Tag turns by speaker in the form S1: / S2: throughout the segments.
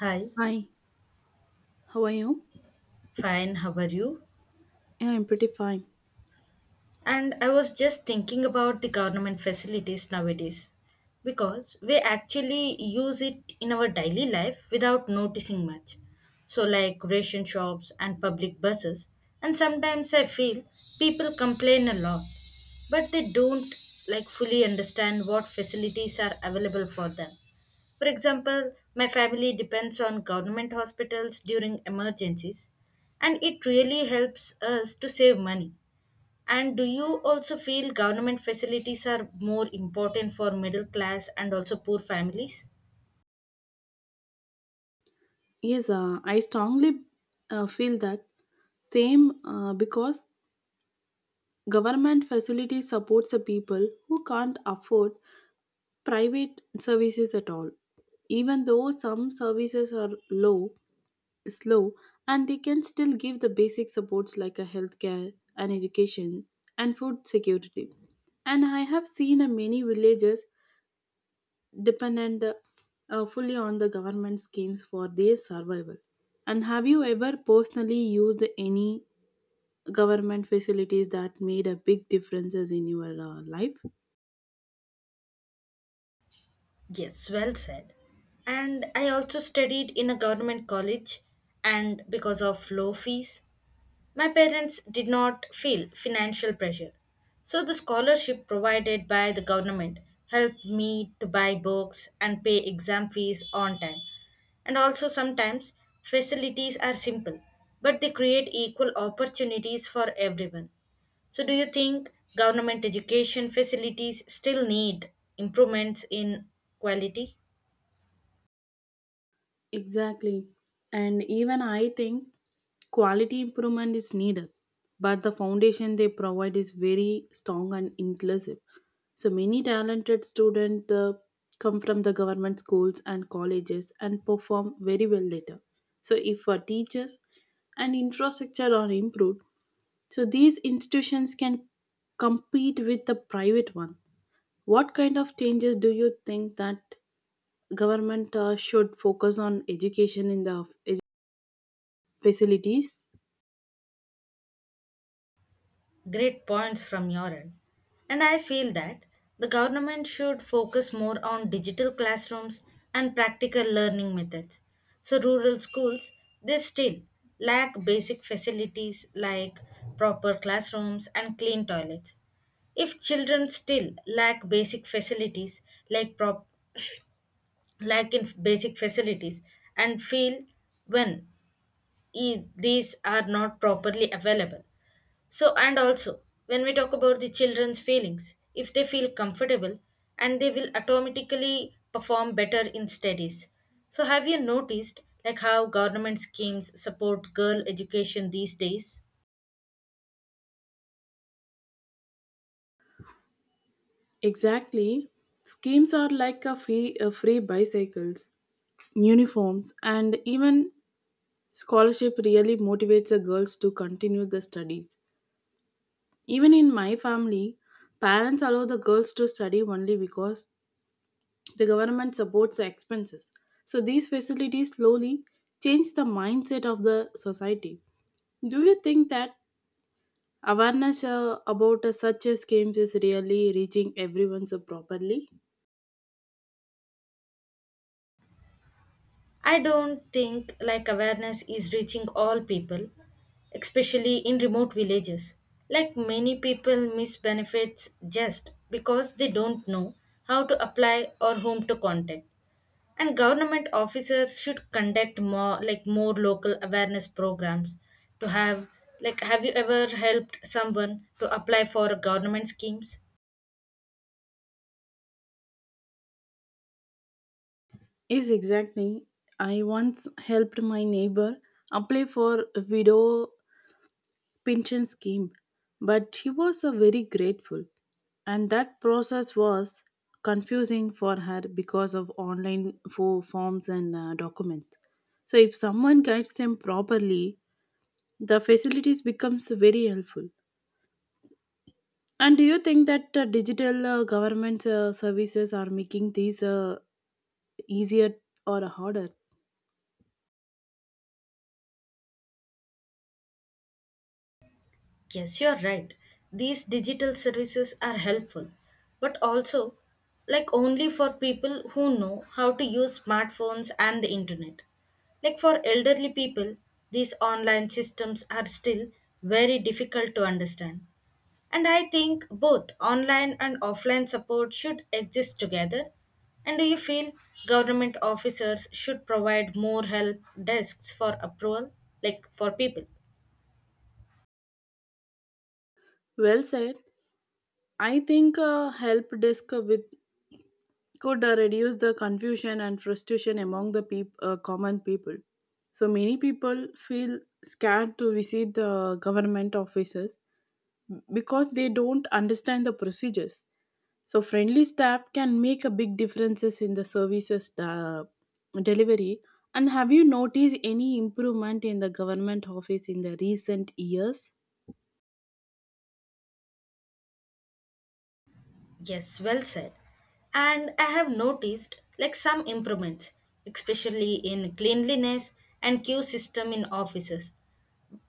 S1: Hi,
S2: Hi, how are you?
S1: fine, how are you?
S2: Yeah, I'm pretty fine.
S1: And I was just thinking about the government facilities nowadays because we actually use it in our daily life without noticing much. So, like ration shops and public buses, and sometimes I feel people complain a lot but they don't like fully understand what facilities are available for them. For example, my family depends on government hospitals during emergencies, and it really helps us to save money. And do you also feel government facilities are more important for middle class and also poor families?
S2: Yes, I strongly feel that same, because government facilities supports the people who can't afford private services at all. Even though some services are low, slow, and they can still give the basic supports like a healthcare and education and food security. And I have seen a many villages dependent fully on the government schemes for their survival. And have you ever personally used any government facilities that made a big differences in your life?
S1: Yes, well said. And I also studied in a government college, and because of low fees, my parents did not feel financial pressure. So the scholarship provided by the government helped me to buy books and pay exam fees on time. And also, sometimes facilities are simple, but they create equal opportunities for everyone. So, do you think government education facilities still need improvements in quality?
S2: Exactly. And even I think quality improvement is needed, but the foundation they provide is very strong and inclusive. So many talented students come from the government schools and colleges and perform very well later. So if our teachers and infrastructure are improved, so these institutions can compete with the private one. What kind of changes do you think that government should focus on education in the facilities?
S1: Great points from your end. And I feel that the government should focus more on digital classrooms and practical learning methods. So, rural schools, they still lack basic facilities like proper classrooms and clean toilets. If children still lack basic facilities like lack in basic facilities and feel when these are not properly available. So, and also when we talk about the children's feelings, if they feel comfortable and they will automatically perform better in studies. So, have you noticed like how government schemes support girl education these days?
S2: Exactly. Schemes are like a free bicycles, uniforms, and even scholarship really motivates the girls to continue the studies. Even in my family, parents allow the girls to study only because the government supports the expenses. So these facilities slowly change the mindset of the society. Do you think that awareness about such schemes is really reaching everyone so properly?
S1: I don't think like awareness is reaching all people, especially in remote villages. Like many people miss benefits just because they don't know how to apply or whom to contact. And government officers should conduct more like more local awareness programs to have like have you ever helped someone to apply for government schemes?
S2: Yes, exactly. I once helped my neighbor apply for a widow pension scheme, but she was very grateful, and that process was confusing for her because of online forms and documents. So, if someone guides them properly, the facilities becomes very helpful. And do you think that digital government services are making these easier or harder?
S1: Yes, you're right. These digital services are helpful, but also like only for people who know how to use smartphones and the internet. Like for elderly people, these online systems are still very difficult to understand. And I think both online and offline support should exist together. And do you feel government officers should provide more help desks for approval, like for people?
S2: Well said. I think help desk with could reduce the confusion and frustration among the common people. So many people feel scared to visit the government offices because they don't understand the procedures. So friendly staff can make a big differences in the services delivery. And have you noticed any improvement in the government office in the recent years?
S1: Yes, well said. And I have noticed like some improvements, especially in cleanliness and queue system in offices.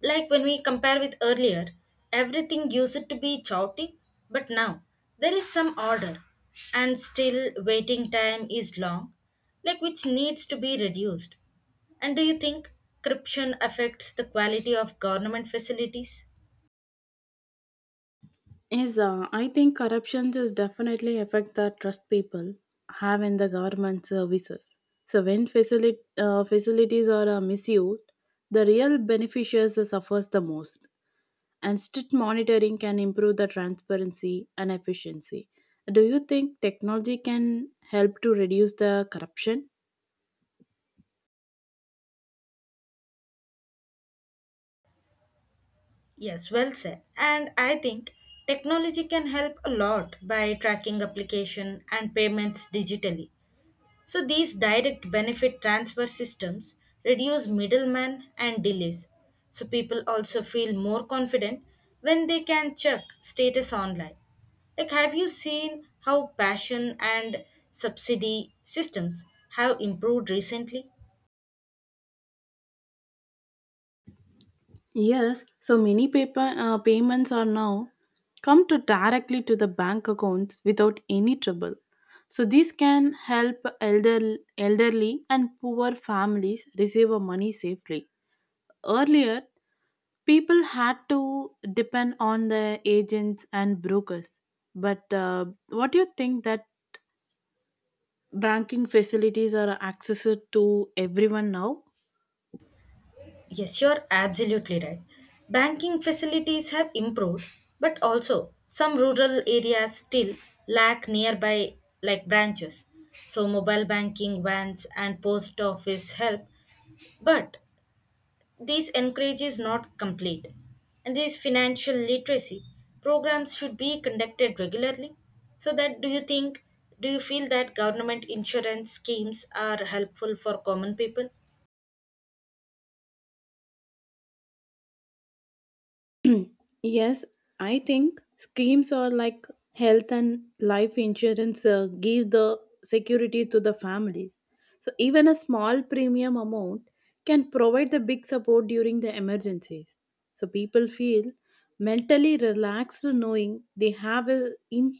S1: Like when we compare with earlier, everything used to be chaotic, but now there is some order and still waiting time is long, like which needs to be reduced. And do you think corruption affects the quality of government facilities?
S2: Yes, I think corruption is definitely affect the trust people have in the government services. So when facilities are misused, the real beneficiaries suffers the most. And strict monitoring can improve the transparency and efficiency. Do you think technology can help to reduce the corruption?
S1: Yes, well said. And I think technology can help a lot by tracking application and payments digitally. So these direct benefit transfer systems reduce middlemen and delays. So people also feel more confident when they can check status online. Like have you seen how passion and subsidy systems have improved recently?
S2: Yes, so many payments are now come to directly to the bank accounts without any trouble. So this can help elderly and poor families receive a money safely. Earlier, people had to depend on the agents and brokers. But what do you think that banking facilities are accessed to everyone now?
S1: Yes, you're absolutely right. Banking facilities have improved, but also some rural areas still lack nearby like branches. So mobile banking vans and post office help, but this encourage is not complete. And these financial literacy programs should be conducted regularly. So that do you think do you feel that government insurance schemes are helpful for common people?
S2: Yes, I think schemes are like health and life insurance give the security to the families. So even a small premium amount can provide the big support during the emergencies. So people feel mentally relaxed knowing they have a in,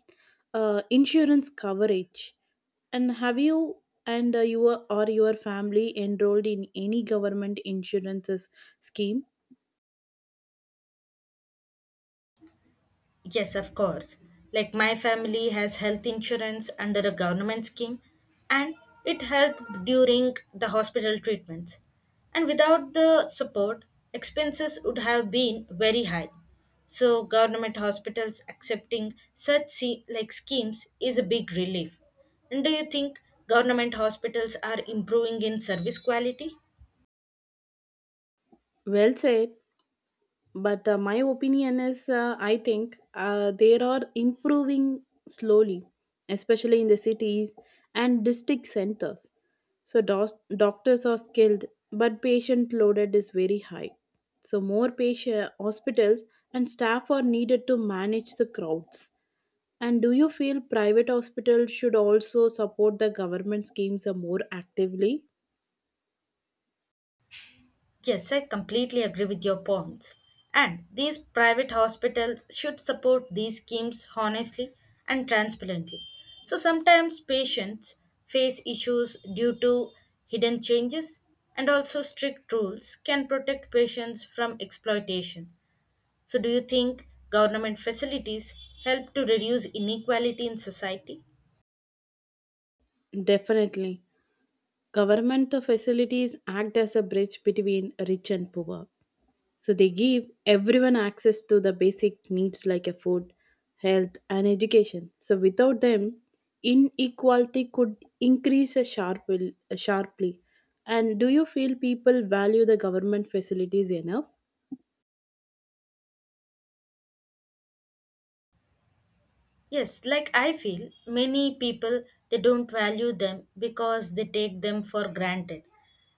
S2: insurance coverage. And have you and your or your family enrolled in any government insurances scheme?
S1: Yes, of course. Like my family has health insurance under a government scheme and it helped during the hospital treatments. And without the support, expenses would have been very high. So government hospitals accepting such like schemes is a big relief. And do you think government hospitals are improving in service quality?
S2: Well said. But my opinion is, I think they are improving slowly, especially in the cities and district centers. So doctors are skilled, but patient loaded is very high. So more patient hospitals and staff are needed to manage the crowds. And do you feel private hospitals should also support the government schemes more actively?
S1: Yes, I completely agree with your points. And these private hospitals should support these schemes honestly and transparently. So sometimes patients face issues due to hidden changes, and also strict rules can protect patients from exploitation. So, do you think government facilities help to reduce inequality in society?
S2: Definitely. Government facilities act as a bridge between rich and poor. So they give everyone access to the basic needs like a food, health, and education. So without them, inequality could increase a sharply. And do you feel people value the government facilities enough?
S1: Yes, like I feel many people they don't value them because they take them for granted.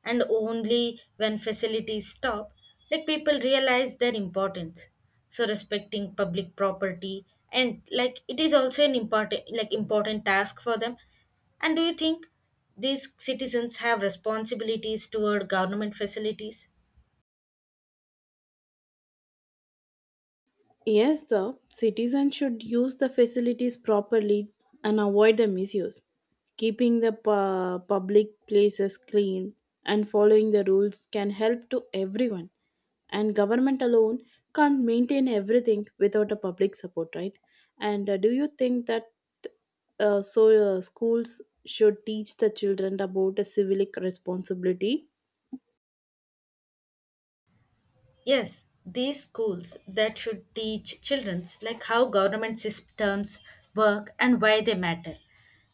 S1: And only when facilities stop, like people realize their importance. So respecting public property and like it is also an important like important task for them. And do you think these citizens have responsibilities toward government facilities?
S2: Yes, sir. Citizens should use the facilities properly and avoid the misuse. Keeping the public places clean and following the rules can help to everyone. And government alone can't maintain everything without a public support, right? And do you think that schools should teach the children about a civic responsibility?
S1: Yes, these schools that should teach children like how government systems work and why they matter.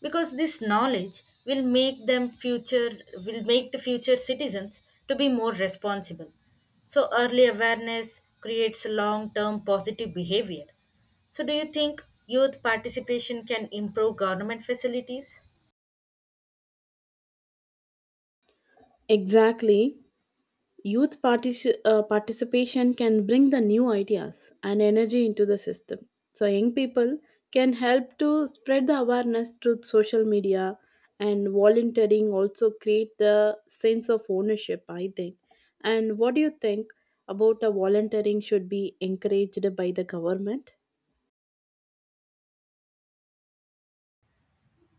S1: Because this knowledge will make them future will make the future citizens to be more responsible. So early awareness creates long-term positive behavior. So do you think youth participation can improve government facilities?
S2: Exactly. Youth participation can bring the new ideas and energy into the system. So, young people can help to spread the awareness through social media, and volunteering also create the sense of ownership, I think. And what do you think about a volunteering should be encouraged by the government?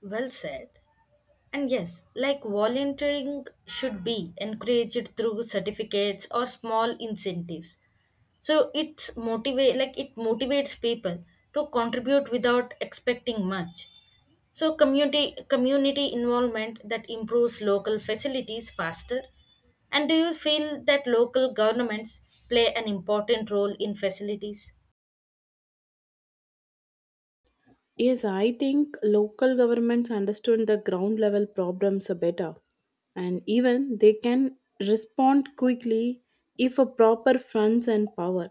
S1: Well said. And yes, like volunteering should be encouraged through certificates or small incentives. So it's motivate like it motivates people to contribute without expecting much. So community involvement that improves local facilities faster. And do you feel that local governments play an important role in facilities?
S2: Yes, I think local governments understand the ground level problems better, and even they can respond quickly if a proper funds and power.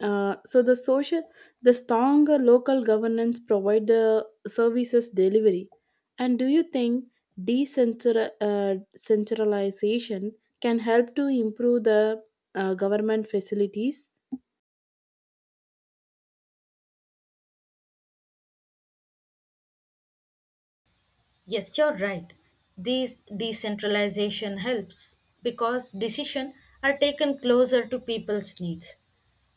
S2: So the stronger local governance provide the services delivery. And do you think decentralization centralization can help to improve the government facilities?
S1: Yes, you're right. These decentralization helps because decisions are taken closer to people's needs.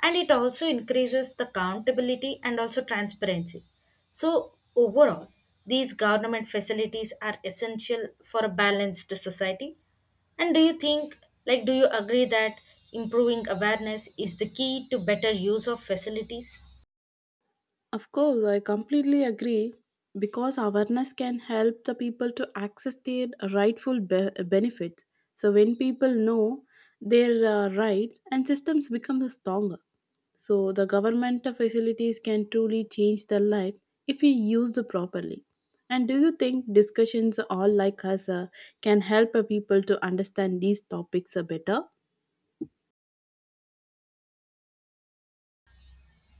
S1: And it also increases the accountability and also transparency. So overall, these government facilities are essential for a balanced society. And do you think, like, do you agree that improving awareness is the key to better use of facilities?
S2: Of course, I completely agree because awareness can help the people to access their rightful benefits. So when people know their rights and systems become stronger. So the government facilities can truly change their life if we use them properly. And do you think discussions all like us can help people to understand these topics better?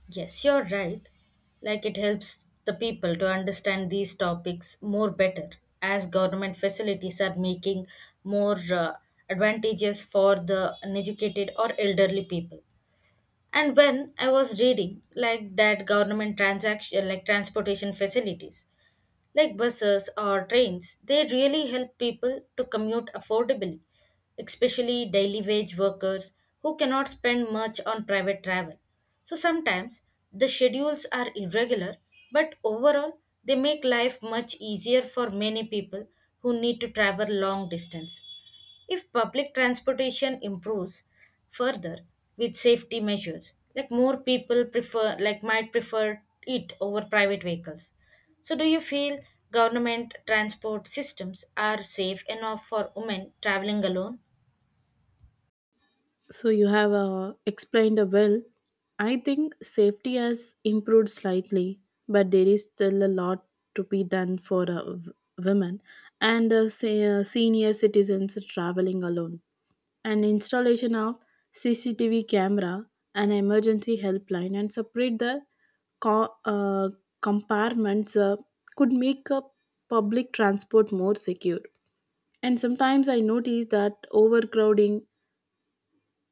S1: Yes, you're right. Like it helps the people to understand these topics more better as government facilities are making more advantages for the uneducated or elderly people. And when I was reading like that government transaction like transportation facilities like buses or trains, they really help people to commute affordably, especially daily wage workers who cannot spend much on private travel. So sometimes the schedules are irregular, but overall, they make life much easier for many people who need to travel long distance. If public transportation improves further with safety measures, like more people prefer like might prefer it over private vehicles. So do you feel government transport systems are safe enough for women traveling alone?
S2: So you have explained well. I think safety has improved slightly, but there is still a lot to be done for women and senior citizens traveling alone. And installation of CCTV camera, an emergency helpline, and separate the co- uh, compartments could make public transport more secure. And sometimes I notice that overcrowding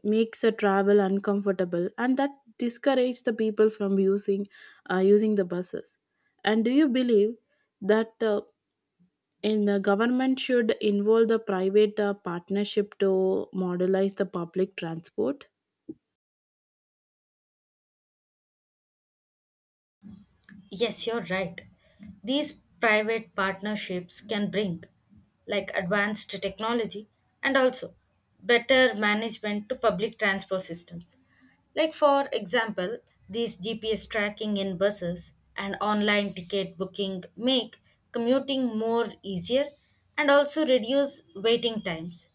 S2: makes the travel uncomfortable, and that discourages the people from using the buses. And do you believe that in the government should involve the private partnership to modelize the public transport?
S1: Yes, you're right. These private partnerships can bring like advanced technology and also better management to public transport systems. Like for example, these GPS tracking in buses and online ticket booking make commuting more easier and also reduce waiting times.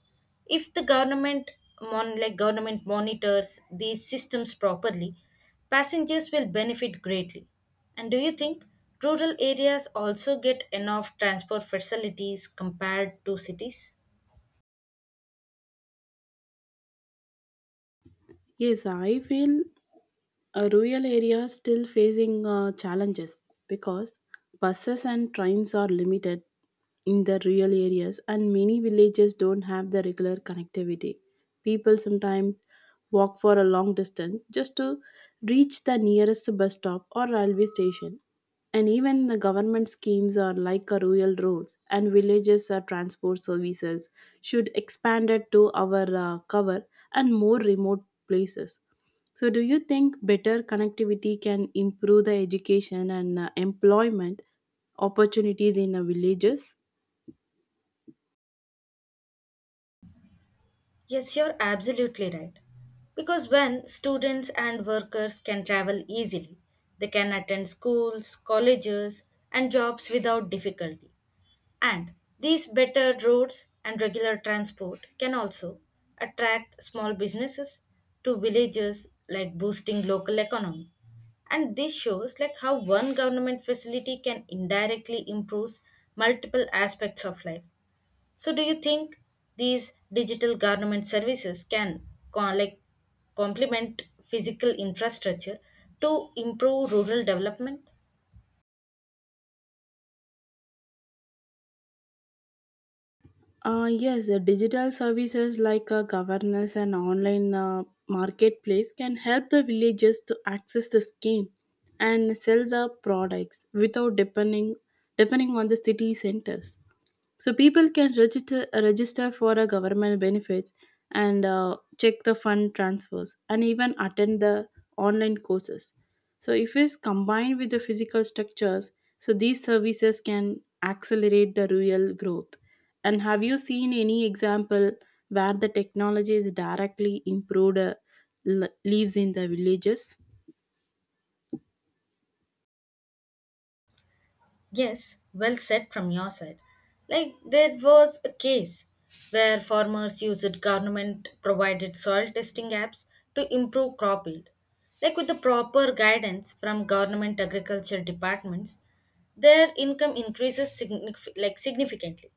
S1: If the government like government monitors these systems properly, passengers will benefit greatly. And do you think rural areas also get enough transport facilities compared to cities?
S2: Yes, I feel rural areas still facing challenges because buses and trains are limited in the rural areas, and many villages don't have the regular connectivity. People sometimes walk for a long distance just to reach the nearest bus stop or railway station. And even the government schemes are like a rural roads and villages or transport services should expand it to our cover and more remote places. So, do you think better connectivity can improve the education and employment opportunities in the villages?
S1: Yes, you're absolutely right. Because when students and workers can travel easily, they can attend schools, colleges, and jobs without difficulty. And these better roads and regular transport can also attract small businesses to villages, like boosting local economy. And this shows like how one government facility can indirectly improve multiple aspects of life. So do you think these digital government services can like complement physical infrastructure to improve rural development?
S2: Yes, the digital services like governance and online marketplace can help the villagers to access the scheme and sell the products without depending on the city centers. So people can register for a government benefits and check the fund transfers and even attend the online courses. So if it's combined with the physical structures, so these services can accelerate the rural growth. And have you seen any example where the technology is directly improved lives in the villages?
S1: Yes, well said from your side. Like there was a case where farmers used government provided soil testing apps to improve crop yield. Like with the proper guidance from government agriculture departments, their income increases like significantly.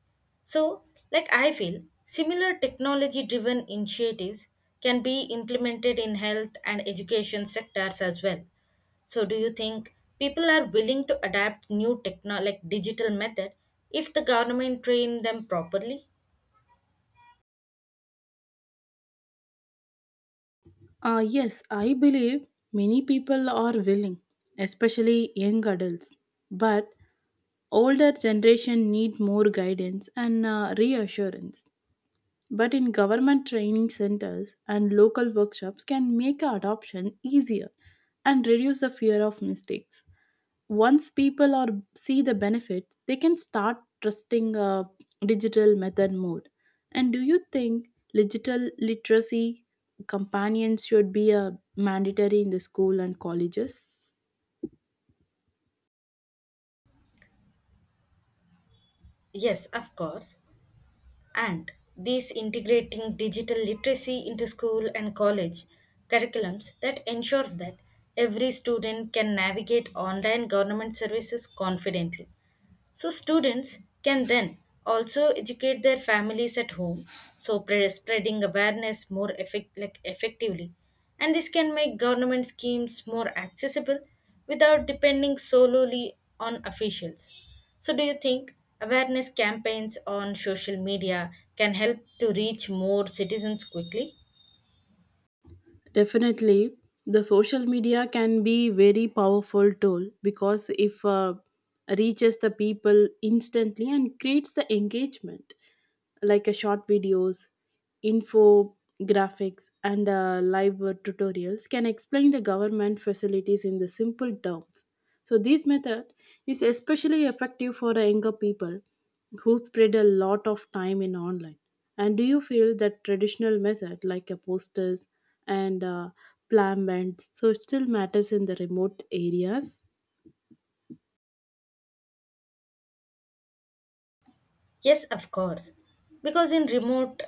S1: So, like I feel, similar technology driven initiatives can be implemented in health and education sectors as well. So do you think people are willing to adapt new techno like digital method if the government train them properly?
S2: Yes, I believe many people are willing, especially young adults. But older generation need more guidance and reassurance. But in government training centers and local workshops can make adoption easier and reduce the fear of mistakes. Once people are see the benefits, they can start trusting a digital method more. And do you think digital literacy companions should be a mandatory in the school and colleges?
S1: Yes, of course. And this integrating digital literacy into school and college curriculums that ensures that every student can navigate online government services confidently. So, students can then also educate their families at home, so spreading awareness more like effectively. And this can make government schemes more accessible without depending solely on officials. So, do you think awareness campaigns on social media can help to reach more citizens quickly?
S2: Definitely, the social media can be very powerful tool because if reaches the people instantly and creates the engagement like a short videos, infographics, and live tutorials can explain the government facilities in the simple terms. So this method is especially effective for the younger people who spread a lot of time in online. And do you feel that traditional method like a posters and plan bands so still matters in the remote areas?
S1: Yes, of course. Because in remote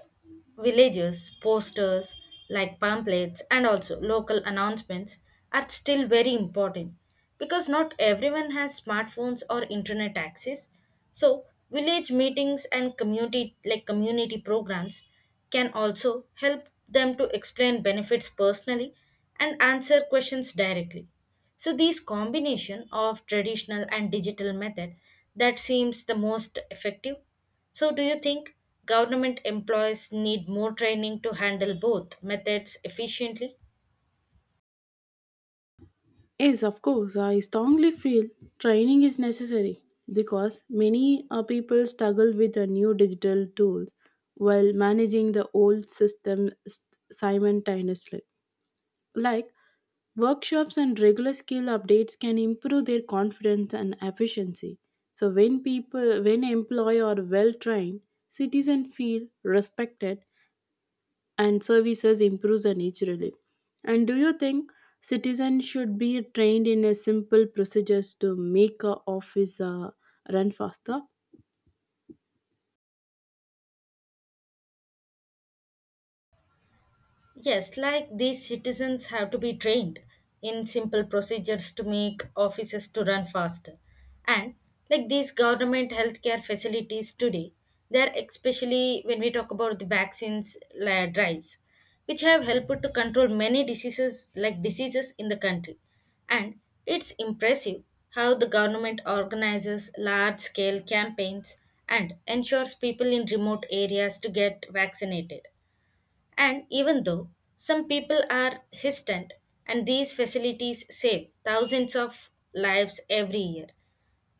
S1: villages, posters like pamphlets and also local announcements are still very important because not everyone has smartphones or internet access. So, village meetings and community programs can also help them to explain benefits personally and answer questions directly. So these combination of traditional and digital method that seems the most effective. So do you think government employees need more training to handle both methods efficiently?
S2: Yes, of course. I strongly feel training is necessary because many people struggle with the new digital tools while managing the old system simultaneously. Like workshops and regular skill updates can improve their confidence and efficiency. So when people when employee are well trained, citizens feel respected and services improves naturally. And do you think citizens should be trained in a simple procedures to make a office run faster?
S1: Yes, like these citizens have to be trained in simple procedures to make offices to run faster. And like these government healthcare facilities today, they're especially when we talk about the drives, which have helped to control many diseases in the country. And it's impressive how the government organizes large scale campaigns and ensures people in remote areas to get vaccinated. And even though some people are hesitant, and these facilities save thousands of lives every year.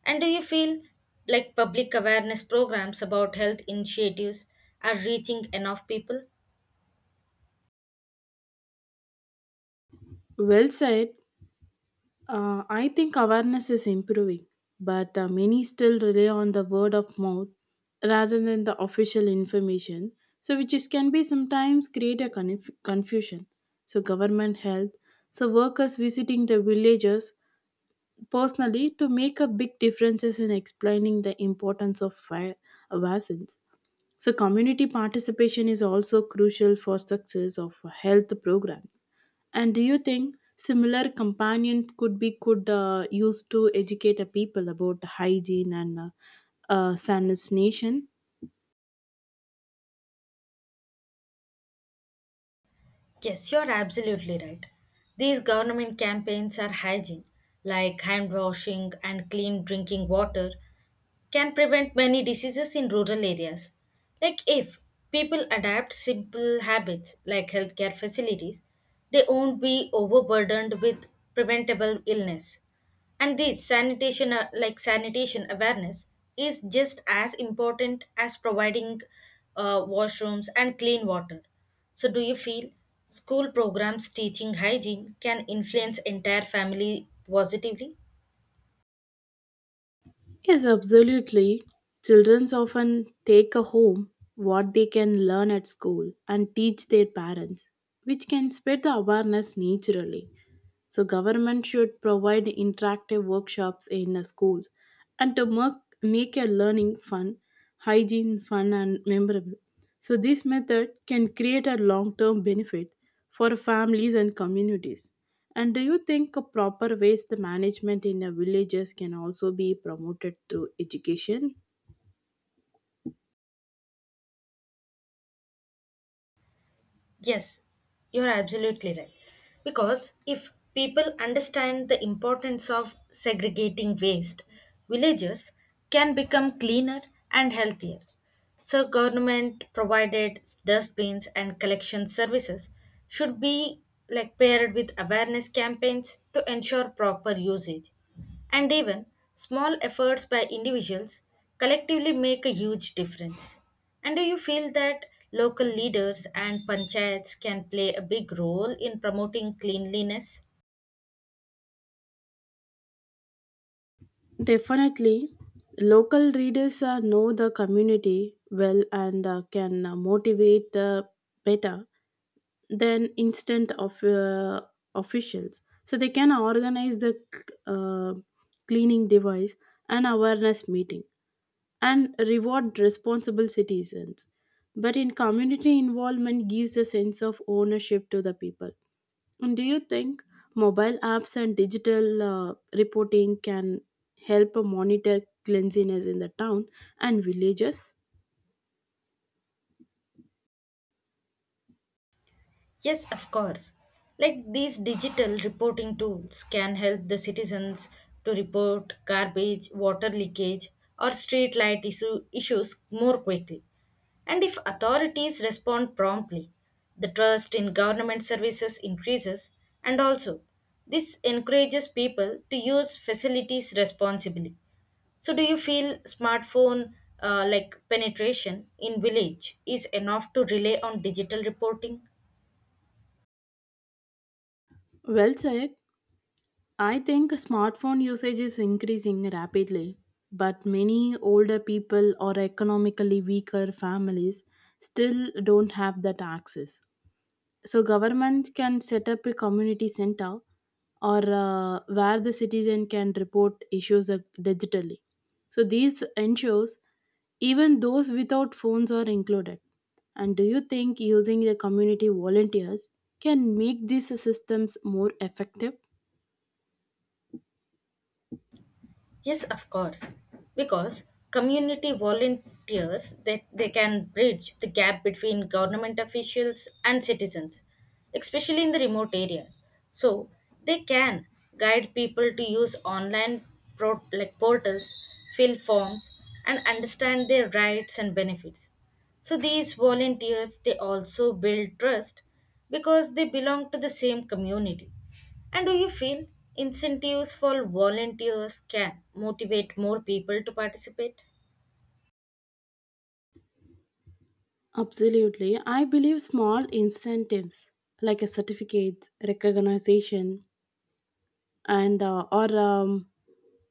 S1: And do you feel like public awareness programs about health initiatives are reaching enough people?
S2: Well said. I think awareness is improving, but many still rely on the word of mouth rather than the official information. So, can be sometimes create a confusion. So, government health. So, workers visiting the villages personally to make a big differences in explaining the importance of vaccines. So community participation is also crucial for success of health programs. And do you think similar companions could be could used to educate a people about hygiene and sanitation?
S1: Yes, you're absolutely right. These government campaigns are hygiene, like hand washing and clean drinking water, can prevent many diseases in rural areas. Like if people adapt simple habits like healthcare facilities, they won't be overburdened with preventable illness. And this sanitation like sanitation awareness is just as important as providing washrooms and clean water. So do you feel school programs teaching hygiene can influence entire family positively?
S2: Yes, absolutely. Children often take a home what they can learn at school and teach their parents, which can spread the awareness naturally. So government should provide interactive workshops in schools and to make your learning fun, hygiene fun and memorable. So this method can create a long-term benefit for families and communities. And do you think a proper waste management in the villages can also be promoted through education?
S1: Yes, you're absolutely right. Because if people understand the importance of segregating waste, villages can become cleaner and healthier. So, government provided dustbins and collection services should be like paired with awareness campaigns to ensure proper usage. And even small efforts by individuals collectively make a huge difference. And do you feel that local leaders and panchayats can play a big role in promoting cleanliness?
S2: Definitely, local readers know the community well and can motivate better than instant of officials. So they can organize the uh, cleaning device and awareness meeting and reward responsible citizens. But in community involvement gives a sense of ownership to the people. And do you think mobile apps and digital reporting can help monitor cleanliness in the town and villages?
S1: Yes, of course. Like these digital reporting tools can help the citizens to report garbage, water leakage, or street light issues more quickly. And if authorities respond promptly, the trust in government services increases, and also this encourages people to use facilities responsibly. So, do you feel smartphone like penetration in village is enough to rely on digital reporting?
S2: Well said. I think smartphone usage is increasing rapidly, but many older people or economically weaker families still don't have that access. So government can set up a community center or where the citizen can report issues digitally. So these ensures even those without phones are included. And do you think using the community volunteers can make these systems more effective?
S1: Yes, of course. Because community volunteers that they can bridge the gap between government officials and citizens, especially in the remote areas. So they can guide people to use online like portals, fill forms, and understand their rights and benefits. So these volunteers they also build trust because they belong to the same community. And do you feel incentives for volunteers can motivate more people to participate?
S2: Absolutely. I believe small incentives like a certificate, recognition, and or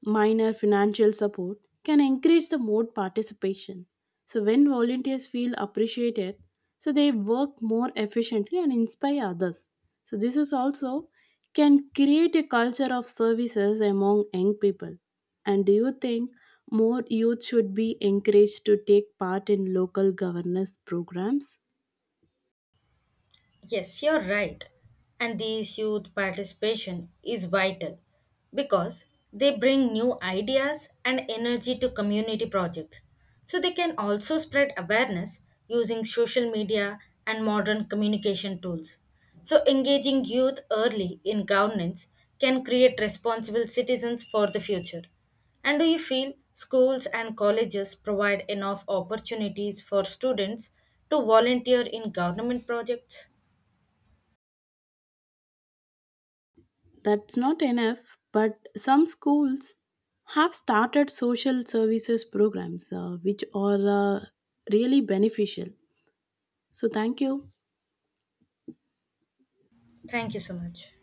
S2: minor financial support can increase the mode participation. So when volunteers feel appreciated, so they work more efficiently and inspire others. So this is also can create a culture of services among young people. And do you think more youth should be encouraged to take part in local governance programs?
S1: Yes, you're right. And this youth participation is vital because they bring new ideas and energy to community projects. So they can also spread awareness using social media and modern communication tools. So engaging youth early in governance can create responsible citizens for the future. And do you feel schools and colleges provide enough opportunities for students to volunteer in government projects?
S2: That's not enough, but some schools have started social services programs which are really beneficial. So, thank you.
S1: Thank you so much.